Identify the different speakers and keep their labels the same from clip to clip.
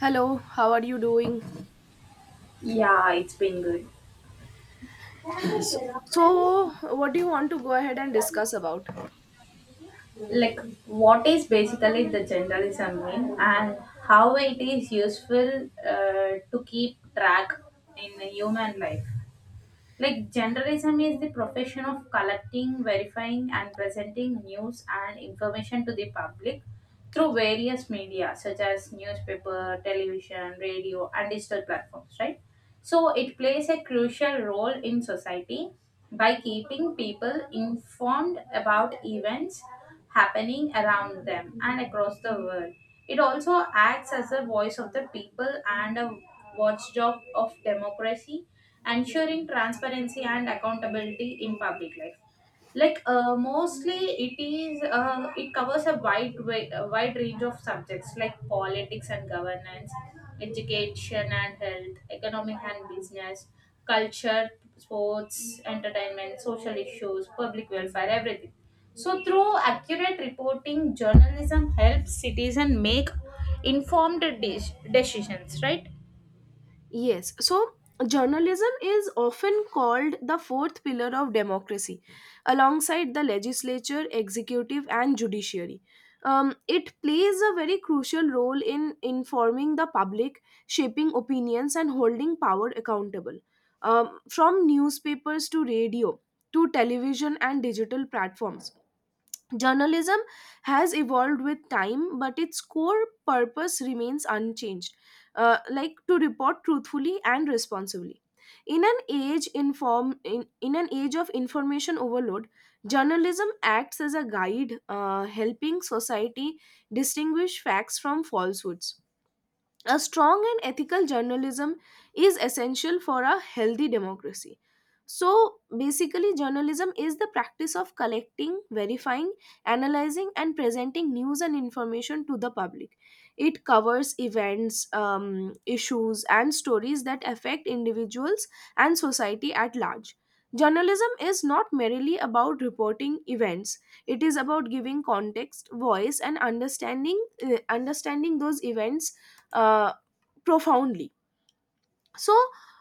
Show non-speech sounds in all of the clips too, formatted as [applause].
Speaker 1: Hello, how are you doing?
Speaker 2: Yeah, it's been good.
Speaker 1: So, so, what do you want to go ahead and discuss about?
Speaker 2: Like, what is basically the journalism mean, and how it is useful to keep track in the human life? Like, journalism is the profession of collecting, verifying, and presenting news and information to the public through various media such as newspaper, television, radio, and digital platforms, right? So it plays a crucial role in society by keeping people informed about events happening around them and across the world. It also acts as a voice of the people and a watchdog of democracy, ensuring transparency and accountability in public life, like mostly it covers a wide range of subjects like politics and governance, education and health, economic and business, culture, sports, entertainment, social issues, public welfare, everything. So through accurate reporting, journalism helps citizens make informed de- decisions, right?
Speaker 1: Yes, so journalism is often called the fourth pillar of democracy, alongside the legislature, executive, and judiciary. It plays a very crucial role in informing the public, shaping opinions, and holding power accountable. From newspapers to radio to television and digital platforms. Journalism has evolved with time, but its core purpose remains unchanged, like to report truthfully and responsibly. In an age of information overload, journalism acts as a guide, helping society distinguish facts from falsehoods. A strong and ethical journalism is essential for a healthy democracy. So basically, journalism is the practice of collecting, verifying, analyzing, and presenting news and information to the public. It covers events, issues, and stories that affect individuals and society at large. Journalism is not merely about reporting events, it is about giving context, voice, and understanding, understanding those events. Uh, Profoundly so,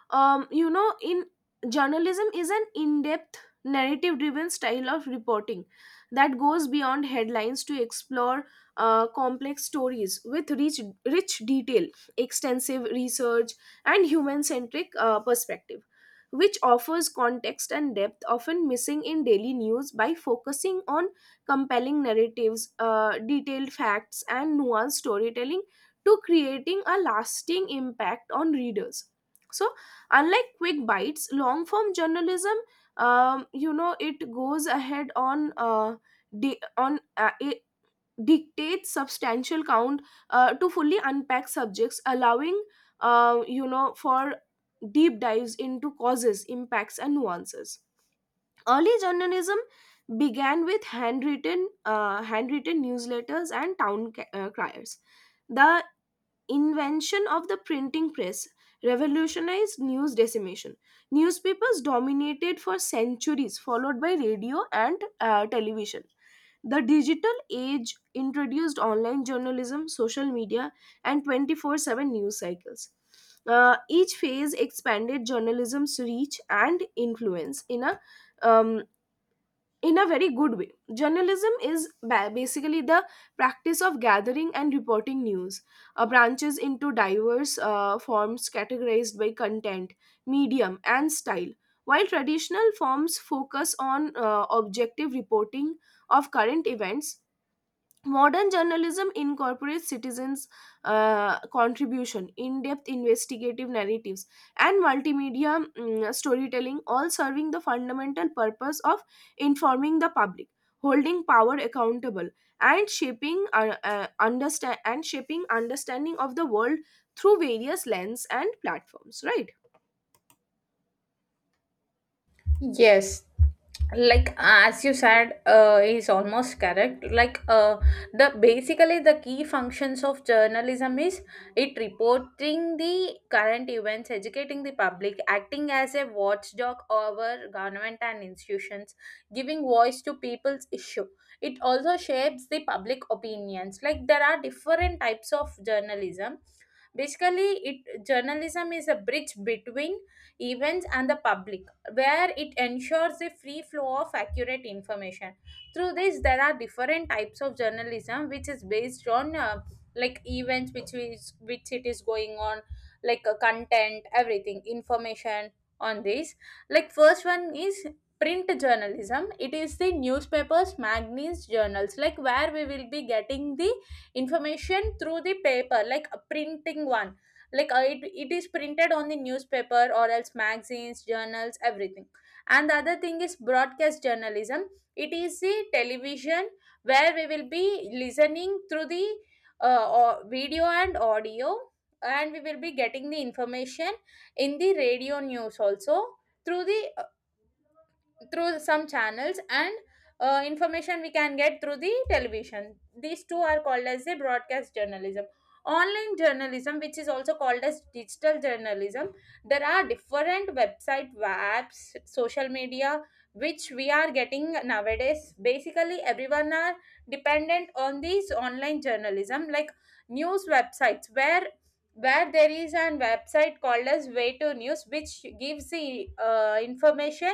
Speaker 1: in journalism is an in-depth, narrative driven style of reporting that goes beyond headlines to explore complex stories with rich detail, extensive research, and human centric perspective, which offers context and depth often missing in daily news by focusing on compelling narratives, detailed facts, and nuanced storytelling to creating a lasting impact on readers. So, unlike quick bites, long form journalism, it goes ahead on di- on it dictates substantial count to fully unpack subjects, allowing for deep dives into causes, impacts, and nuances. Early journalism began with handwritten handwritten newsletters and town criers. The invention of the printing press revolutionized news dissemination. Newspapers dominated for centuries, followed by radio and television. The digital age introduced online journalism, social media, and 24/7 news cycles. Each phase expanded journalism's reach and influence um, in a very good way. Journalism is basically the practice of gathering and reporting news, branches into diverse forms categorized by content, medium, and style. While traditional forms focus on objective reporting of current events, modern journalism incorporates citizens' contribution, in depth investigative narratives, and multimedia storytelling, all serving the fundamental purpose of informing the public, holding power accountable, and shaping understanding of the world through various lens and platforms, right?
Speaker 2: Yes, like as you said, is almost correct. Like the basically the key functions of journalism is it reporting the current events, educating the public, acting as a watchdog over government and institutions, giving voice to people's issue. It also shapes the public opinions. Like there are different types of journalism. Basically, it journalism is a bridge between events and the public, where it ensures a free flow of accurate information. Through this, there are different types of journalism which is based on like events which is which it is going on, like content, everything, information on this. Like first one is print journalism. It is the newspapers, magazines, journals, like where we will be getting the information through the paper, like a printing one. Like it is printed on the newspaper or else magazines, journals, everything. And the other thing is broadcast journalism. It is the television, where we will be listening through the video and audio, and we will be getting the information in the radio news also through the through some channels, and information we can get through the television. These two are called as the broadcast journalism. Online journalism, which is also called as digital journalism, there are different website, apps, social media, which we are getting nowadays. Basically, everyone are dependent on these online journalism, like news websites, where there is an website called as way to news, which gives the information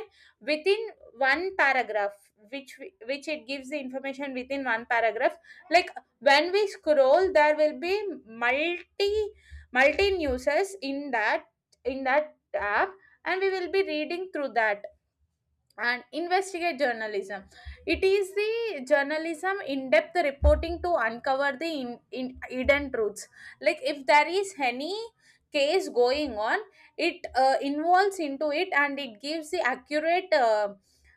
Speaker 2: within one paragraph, which which it gives the information within one paragraph. Like when we scroll, there will be multi multi newses in that, in that app, and we will be reading through that. And investigate journalism, it is the journalism in-depth reporting to uncover the in hidden truths. Like if there is any case going on, it involves into it, and it gives the accurate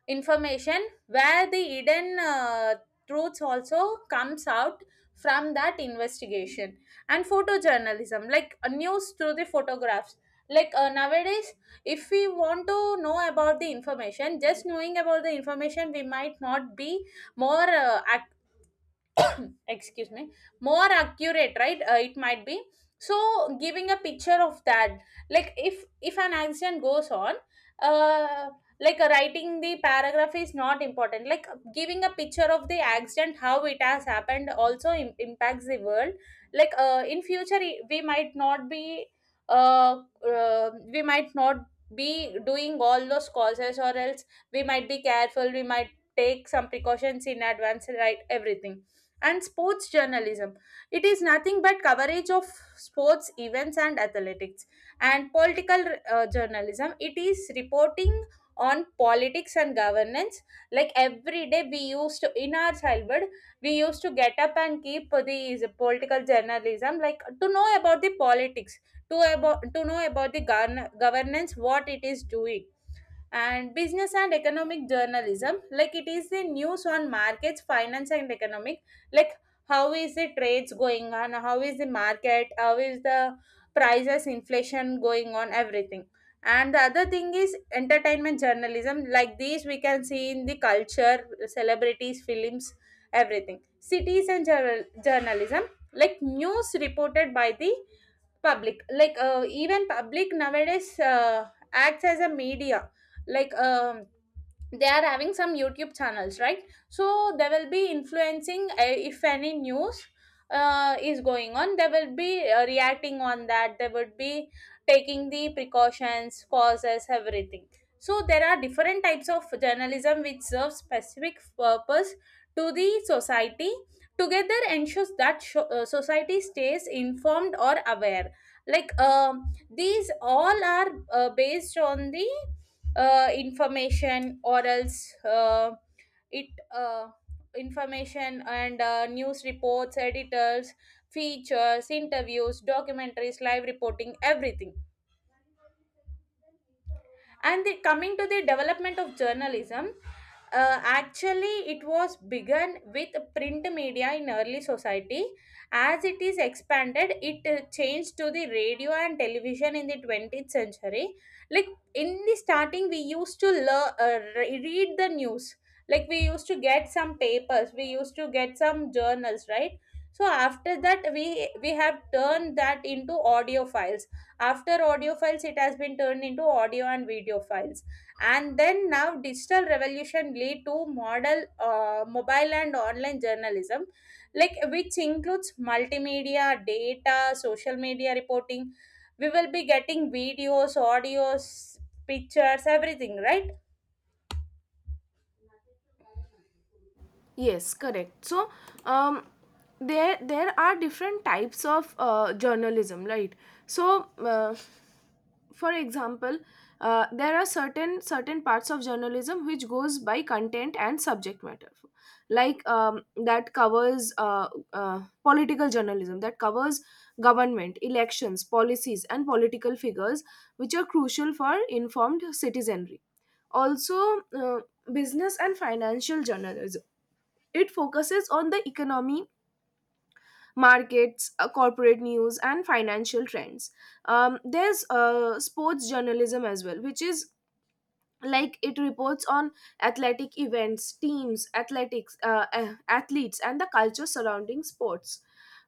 Speaker 2: information, where the hidden truths also comes out from that investigation. And photojournalism, like news through the photographs. Like nowadays, if we want to know about the information, just knowing about the information, we might not be more ac- [coughs] excuse me more accurate, right? It might be, so giving a picture of that. Like if an accident goes on, uh like writing the paragraph is not important, like giving a picture of the accident, how it has happened, also impacts the world. Like in future, we might not be uh, we might not be doing all those causes, or else we might be careful, we might take some precautions in advance, right, everything. And sports journalism, it is nothing but coverage of sports events and athletics. And political journalism, it is reporting on politics and governance. Like every day we used to, in our childhood, we used to get up and keep these political journalism, like to know about the politics, to about to know about the governance, what it is doing. And business and economic journalism, like it is the news on markets, finance, and economic. Like how is the trades going on, how is the market, how is the prices, inflation going on, everything. And the other thing is entertainment journalism, like these we can see in the culture, celebrities, films, everything. Cities and journalism, like news reported by the public. Like even public nowadays acts as a media. Like they are having some YouTube channels, right? So they will be influencing. If any news is going on, they will be reacting on that, they would be taking the precautions, causes, everything. So there are different types of journalism which serve specific purpose to the society, together ensures that society stays informed or aware. Like these all are based on the information, or else it uh, information and news reports, editors, features, interviews, documentaries, live reporting, everything. And the, coming to the development of journalism, actually it was begun with print media in early society. As it is expanded, it changed to the radio and television in the 20th century. Like in the starting, we used to read the news. Like we used to get some papers, we used to get some journals, right? So after that, we have turned that into audio files. After audio files, it has been turned into audio and video files. And then now digital revolution lead to model mobile and online journalism, like which includes multimedia, data, social media reporting. We will be getting videos, audios, pictures, everything, right?
Speaker 1: Yes, correct. So, um, there are different types of journalism, right? So. Uh, for example, there are certain parts of journalism which goes by content and subject matter like that covers political journalism that covers government, elections, policies, and political figures, which are crucial for informed citizenry. Also, business and financial journalism, it focuses on the economy, markets, corporate news, and financial trends. There's sports journalism as well, which is like it reports on athletic events, teams, athletics, athletes, and the culture surrounding sports.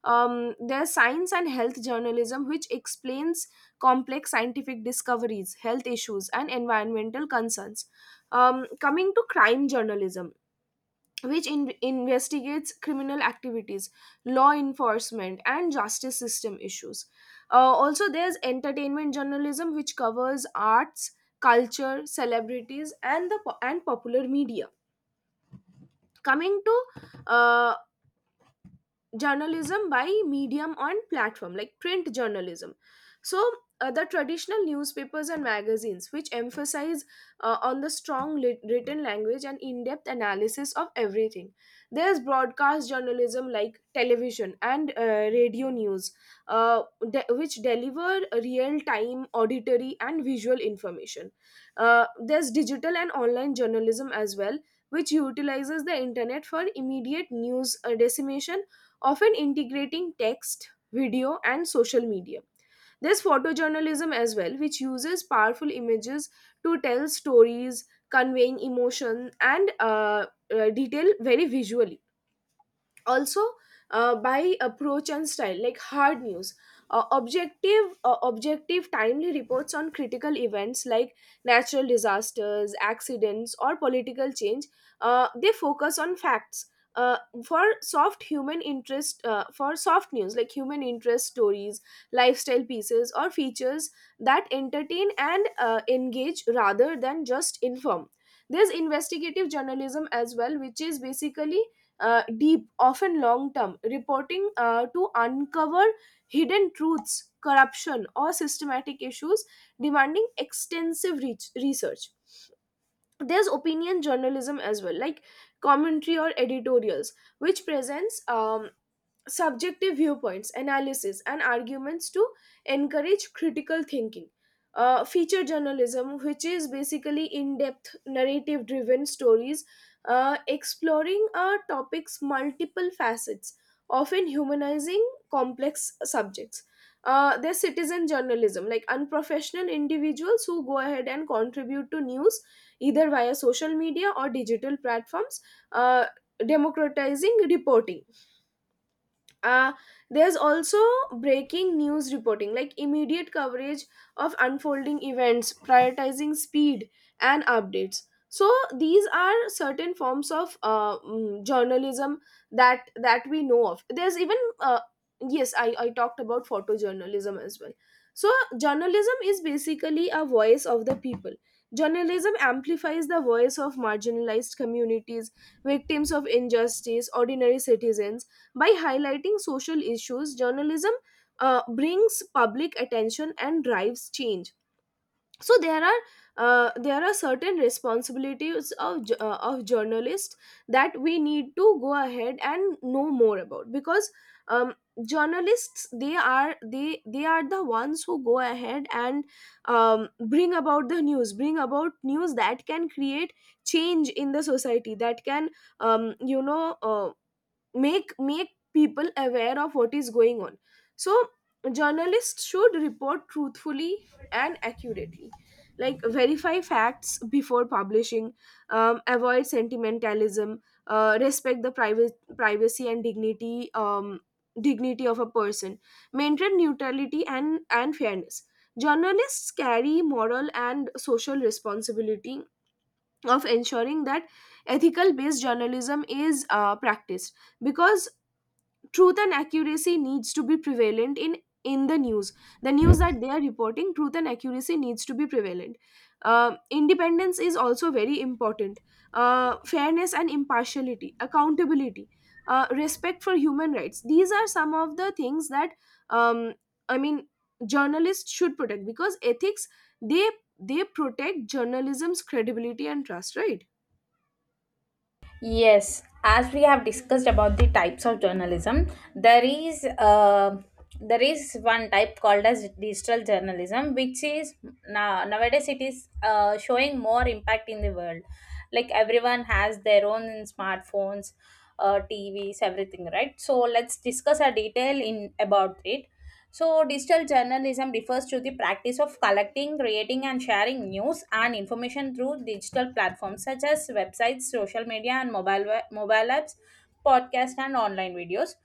Speaker 1: There's science and health journalism, which explains complex scientific discoveries, health issues, and environmental concerns. Coming to crime journalism, which investigates criminal activities, law enforcement, and justice system issues. Also, there's entertainment journalism, which covers arts, culture, celebrities, and popular media. Coming to uh, journalism by medium and platform, like print journalism. So, the traditional newspapers and magazines, which emphasize on the strong written language and in-depth analysis of everything. There's broadcast journalism like television and radio news, uh, which deliver real-time auditory and visual information. There's digital and online journalism as well, which utilizes the internet for immediate news dissemination, often integrating text, video, and social media. There's photojournalism as well, which uses powerful images to tell stories, conveying emotion and detail very visually. Also, by approach and style, like hard news, objective, timely reports on critical events like natural disasters, accidents, or political change. They focus on facts. uh, for soft news like human interest stories, lifestyle pieces, or features that entertain and engage rather than just inform. There's investigative journalism as well, which is basically deep, often long term, reporting to uncover hidden truths, corruption, or systematic issues, demanding extensive reach, research. There's opinion journalism as well, like commentary or editorials, which presents subjective viewpoints, analysis, and arguments to encourage critical thinking. Feature journalism, which is basically in depth narrative driven stories exploring a topic's multiple facets, often humanizing complex subjects. There's citizen journalism, like unprofessional individuals who go ahead and contribute to news, either via social media or digital platforms, uh, democratizing reporting. Uh, there's also breaking news reporting, like immediate coverage of unfolding events, prioritizing speed and updates. So these are certain forms of journalism that we know of. There's even uh, yes I, I talked about photojournalism as well. So journalism is basically a voice of the people. Journalism amplifies the voice of marginalized communities, victims of injustice, ordinary citizens. By highlighting social issues, journalism brings public attention and drives change. So there are there are certain responsibilities of of journalists that we need to go ahead and know more about, because um, journalists, they are the ones who go ahead and bring about the news, bring about news that can create change in the society, that can um, you know uh, make people aware of what is going on. So journalists should report truthfully and accurately, like verify facts before publishing, avoid sentimentalism, respect the private privacy and dignity of a person, maintain neutrality and fairness. Journalists carry moral and social responsibility of ensuring that ethical based journalism is practiced, because truth and accuracy needs to be prevalent in the news, the news that they are reporting. Truth and accuracy needs to be prevalent. Independence is also very important. Fairness and impartiality, accountability, respect for human rights, these are some of the things that, um, I mean, journalists should protect, because ethics, they they protect journalism's credibility and trust, right?
Speaker 2: Yes, as we have discussed about the types of journalism, there is uh, there is one type called as digital journalism, which is now nowadays it is showing more impact in the world. Like everyone has their own smartphones, TVs, everything, right? So let's discuss a detail in about it. So, digital journalism refers to the practice of collecting, creating, and sharing news and information through digital platforms such as websites, social media, and mobile apps, podcasts, and online videos.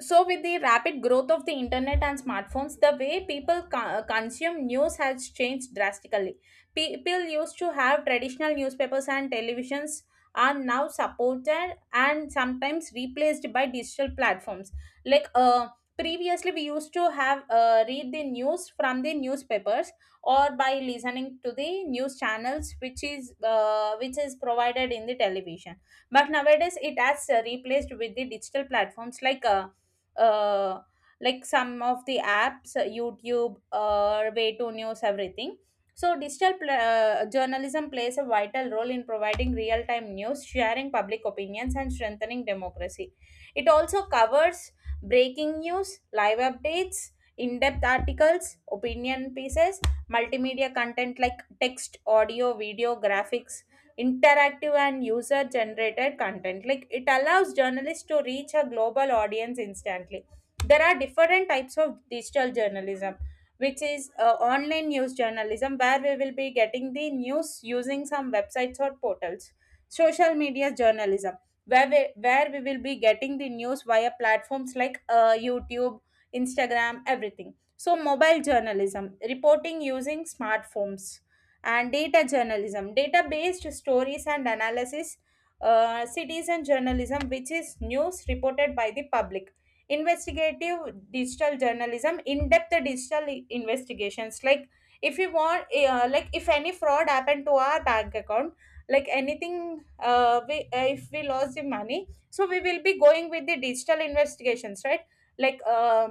Speaker 2: So, with the rapid growth of the internet and smartphones, the way people consume news has changed drastically. People used to have traditional newspapers and televisions are now supported and sometimes replaced by digital platforms. Like previously, we used to have read the news from the newspapers or by listening to the news channels, which is provided in the television. But nowadays, it has replaced with the digital platforms like. Uh, like some of the apps, YouTube, Way to News, everything. So, journalism plays a vital role in providing real time news, sharing public opinions, and strengthening democracy. It also covers breaking news, live updates, in depth articles, opinion pieces, multimedia content like text, audio, video, graphics, interactive and user generated content, like it allows journalists to reach a global audience instantly. There are different types of digital journalism, which is online news journalism, where we will be getting the news using some websites or portals. Social media journalism, where we will be getting the news via platforms like YouTube, Instagram, everything. So mobile journalism, reporting using smartphones. And data journalism, data based stories and analysis. Citizen journalism, which is news reported by the public. Investigative digital journalism, in-depth digital investigations. Like if you want like if any fraud happened to our bank account, like anything, if we lost the money, so we will be going with the digital investigations, right? Like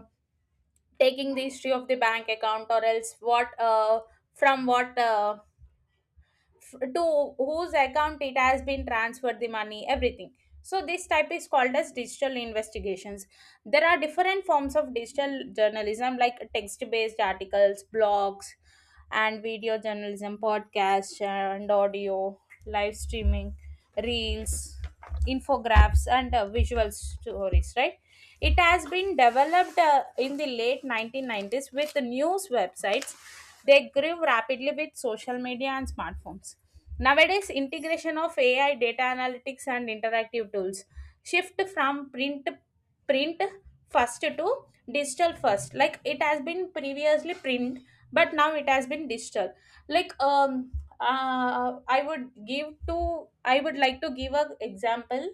Speaker 2: taking the history of the bank account, or else what from what to whose account it has been transferred the money, everything. So this type is called as digital investigations. There are different forms of digital journalism like text based articles, blogs, and video journalism, podcasts and audio, live streaming, reels, infographics, and visual stories, right? It has been developed in the late 1990s with the news websites. They grew rapidly with social media and smartphones. Nowadays, integration of AI, data analytics, and interactive tools shift from print first to digital first. Like it has been previously print, but now it has been digital. Like I would give to I would like to give a example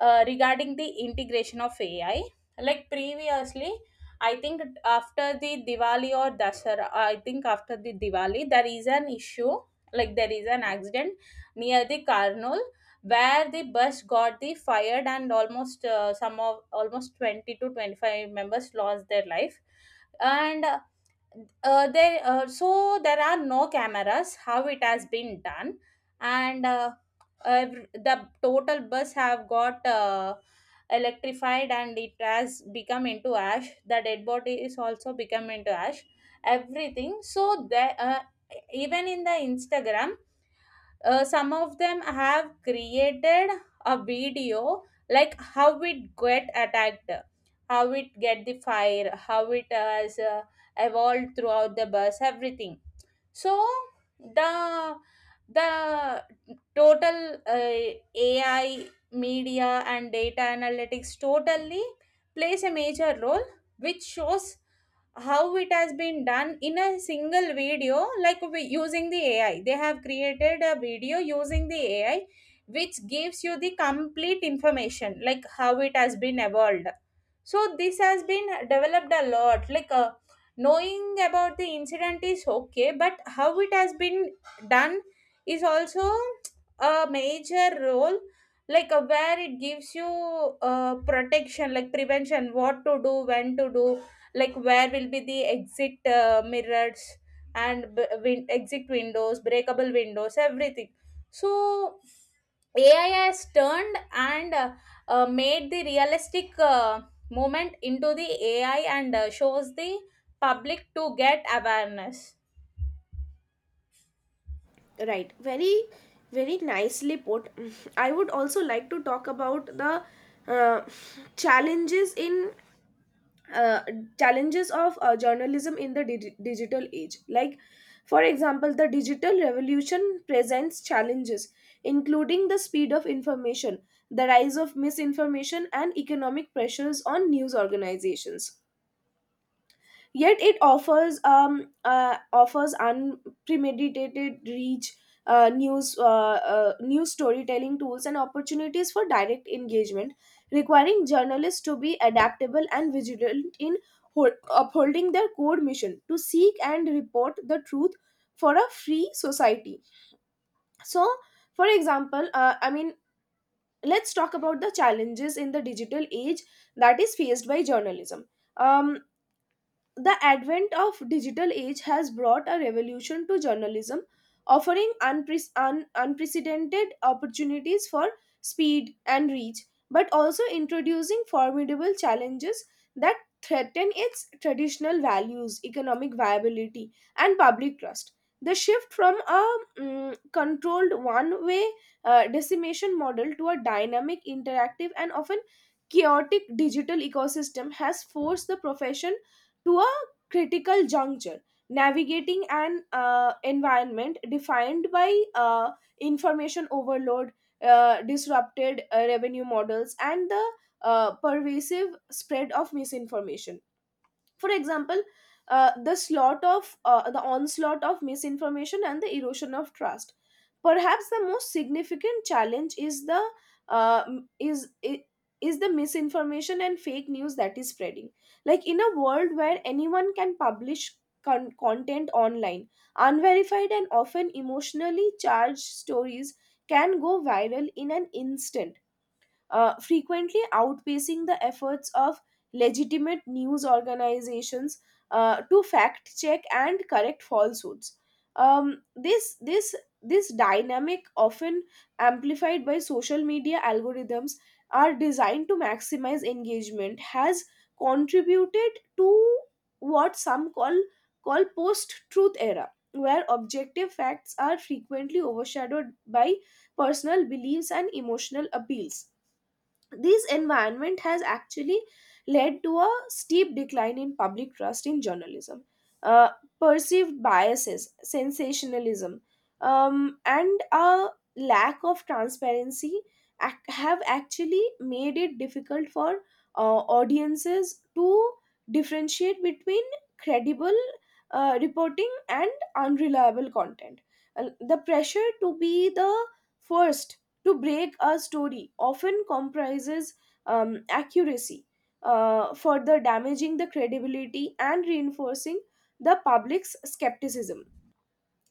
Speaker 2: regarding the integration of AI. Like previously, I think after the Diwali or Dasara, I think after the Diwali, there is an issue. Like there is an accident near the Karnool where the bus got the fired and almost some of almost 20 to 25 members lost their life and there so there are no cameras how it has been done and the total bus have got electrified and it has become into ash. The dead body is also become into ash, everything. So there even in the Instagram, some of them have created a video like how it get attacked, how it get the fire, how it has evolved throughout the bus, everything. So the the total uh, AI, media and data analytics totally plays a major role, which shows how it has been done in a single video. Like we, using the AI, they have created a video using the AI, which gives you the complete information like how it has been evolved. So this has been developed a lot. Knowing about the incident is okay, but how it has been done is also a major role. Where it gives you protection, like prevention, what to do, when to do, like where will be the exit mirrors and exit windows, breakable windows, everything. So AI has turned and made the realistic movement into the AI and shows the public to get awareness.
Speaker 1: Right. Very, very nicely put. I would also like to talk about the uh, challenges in uh, challenges of journalism in the digital age. Like, for example, the digital revolution presents challenges, including the speed of information, the rise of misinformation, and economic pressures on news organizations. Yet it offers unpremeditated reach, news storytelling tools and opportunities for direct engagement, requiring journalists to be adaptable and vigilant in upholding their core mission to seek and report the truth for a free society. So, for example, I mean, let's talk about the challenges in the digital age that is faced by journalism. Um, the advent of digital age has brought a revolution to journalism, offering unprecedented opportunities for speed and reach, but also introducing formidable challenges that threaten its traditional values, economic viability, and public trust. The shift from a controlled one-way decimation model to a dynamic, interactive, and often chaotic digital ecosystem has forced the profession to a critical juncture, navigating an environment defined by uh, information overload, disrupted revenue models, and the pervasive spread of misinformation. For example, the onslaught of misinformation and the erosion of trust. Perhaps the most significant challenge is the uh, is i- misinformation and fake news that is spreading. Like in a world where anyone can publish content online, unverified and often emotionally charged stories can go viral in an instant, frequently outpacing the efforts of legitimate news organizations to fact check and correct falsehoods. Um, this this this dynamic, often amplified by social media algorithms, are designed to maximize engagement, has contributed to what some call post-truth era, where objective facts are frequently overshadowed by personal beliefs and emotional appeals. This environment has actually led to a steep decline in public trust in journalism. Uh, perceived biases, sensationalism, and a lack of transparency have actually made it difficult for audiences to differentiate between credible reporting and unreliable content. Uh, the pressure to be the first to break a story often comprises accuracy, further damaging the credibility and reinforcing the public's skepticism.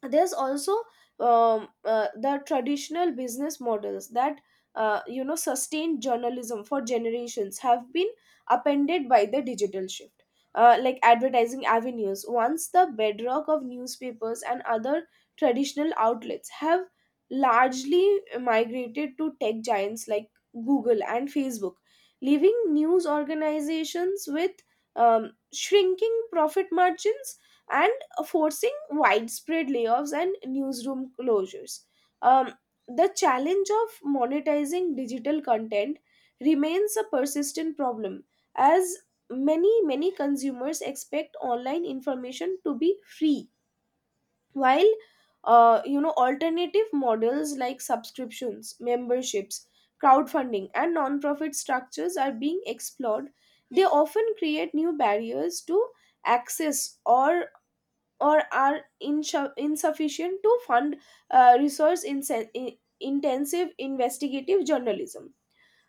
Speaker 1: There's also the traditional business models that sustained journalism for generations have been appended by the digital shift. Like advertising avenues, once the bedrock of newspapers and other traditional outlets, have largely migrated to tech giants like Google and Facebook, leaving news organizations with shrinking profit margins and forcing widespread layoffs and newsroom closures. Um, the challenge of monetizing digital content remains a persistent problem, as many, many consumers expect online information to be free. While alternative models like subscriptions, memberships, crowdfunding, and non-profit structures are being explored, they often create new barriers to access, or are insufficient to fund resource intensive investigative journalism.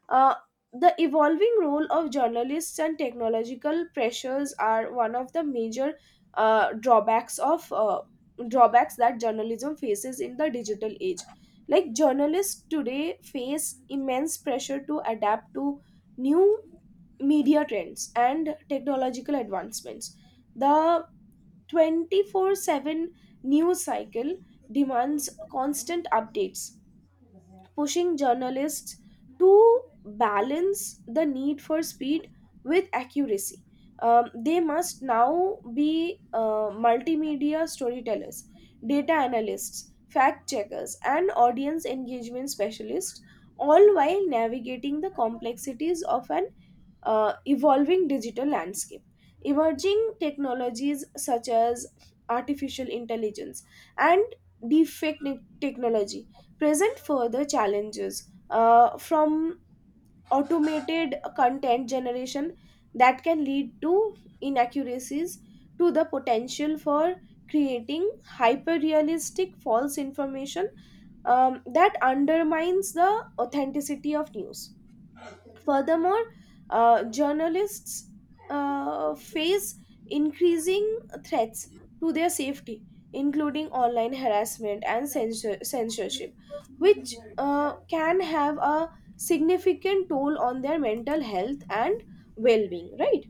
Speaker 1: Uh, the evolving role of journalists and technological pressures are one of the major uh, drawbacks of uh, drawbacks that journalism faces in the digital age. Like, journalists today face immense pressure to adapt to new media trends and technological advancements. The 24/7 news cycle demands constant updates, pushing journalists to balance the need for speed with accuracy. They must now be multimedia storytellers, data analysts, fact checkers, and audience engagement specialists, all while navigating the complexities of an evolving digital landscape. Emerging technologies such as artificial intelligence and deepfake technology present further challenges, from automated content generation that can lead to inaccuracies to the potential for creating hyper realistic false information that undermines the authenticity of news. Furthermore, journalists face increasing threats to their safety, including online harassment and censorship, which can have a significant toll on their mental health and well being, right?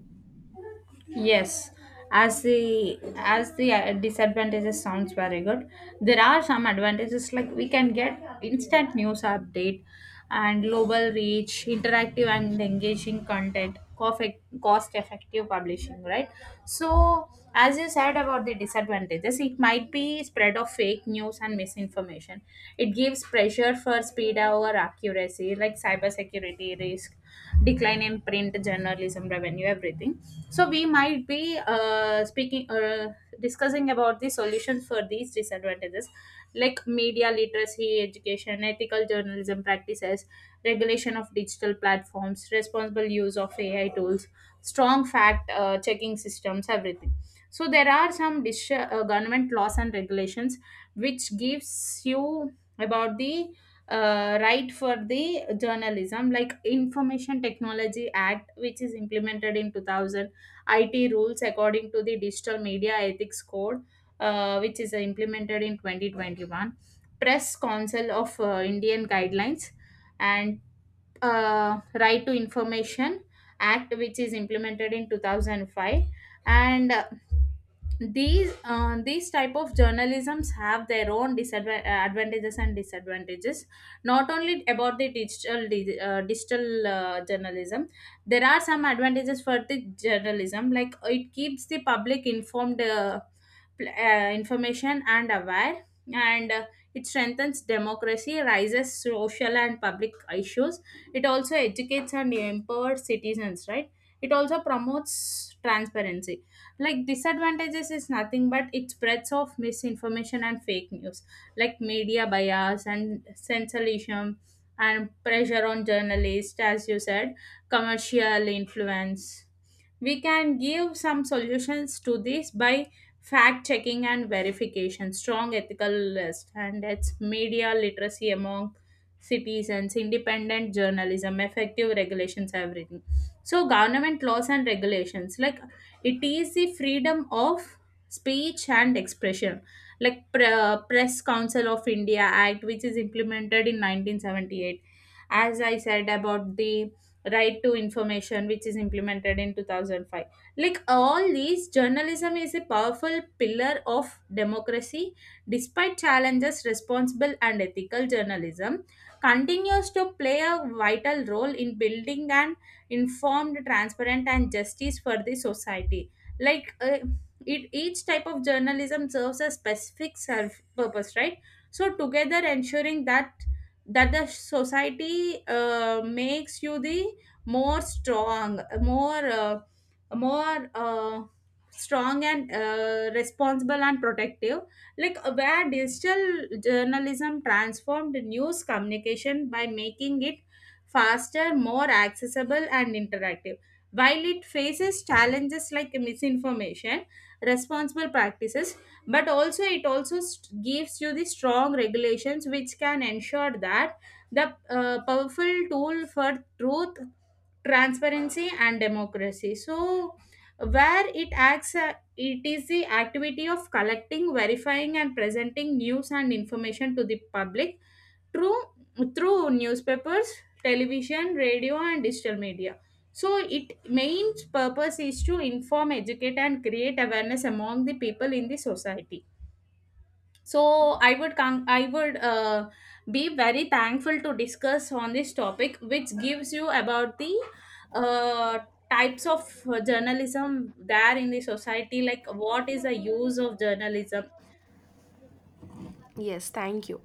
Speaker 2: Yes, as the disadvantages sounds very good, there are some advantages like we can get instant news update and global reach, interactive and engaging content, cost effective publishing, right? So, as you said about the disadvantages, it might be spread of fake news and misinformation. It gives pressure for speed over accuracy, like cybersecurity risk, decline in print journalism revenue, everything. So we might be speaking discussing about the solutions for these disadvantages, like media literacy, education, ethical journalism practices, regulation of digital platforms, responsible use of AI tools, strong fact checking systems, everything. So there are some government laws and regulations which gives you about the right for the journalism, like information technology act which is implemented in 2000. It rules according to the digital media ethics code, which is implemented in 2021. Press council of Indian guidelines and right to information act which is implemented in 2005. And these type of journalisms have their own disadvantages and disadvantages, not only about the digital journalism. There are some advantages for the journalism, like it keeps the public informed, information and aware, and it strengthens democracy, raises social and public issues. It also educates and empowers citizens, right? It also promotes transparency. Like disadvantages is nothing but it spreads of misinformation and fake news, like media bias and sensationalism, and pressure on journalists, as you said, commercial influence. We can give some solutions to this by fact checking and verification, strong ethical list, and it's media literacy among citizens, independent journalism, effective regulations, everything. So, government laws and regulations, like it is the freedom of speech and expression, like Press Council of India Act, which is implemented in 1978. As I said about the right to information which is implemented in 2005, like all these journalism is a powerful pillar of democracy. Despite challenges, responsible and ethical journalism continues to play a vital role in building an informed, transparent and justice for the society. like uh, it, each type of journalism serves a specific self purpose, right? So together ensuring that the society makes you the more strong, more more strong and responsible and protective. Where digital journalism transformed news communication by making it faster, more accessible and interactive, while it faces challenges like misinformation, responsible practices, but also it also gives you the strong regulations which can ensure that the powerful tool for truth, transparency and democracy. So where it acts, it is the activity of collecting, verifying and presenting news and information to the public through newspapers, television, radio and digital media. So its main purpose is to inform, educate and create awareness among the people in the society. So I would be very thankful to discuss on this topic which gives you about the uh, types of journalism there in the society, like what is the use of journalism
Speaker 1: Yes, thank you.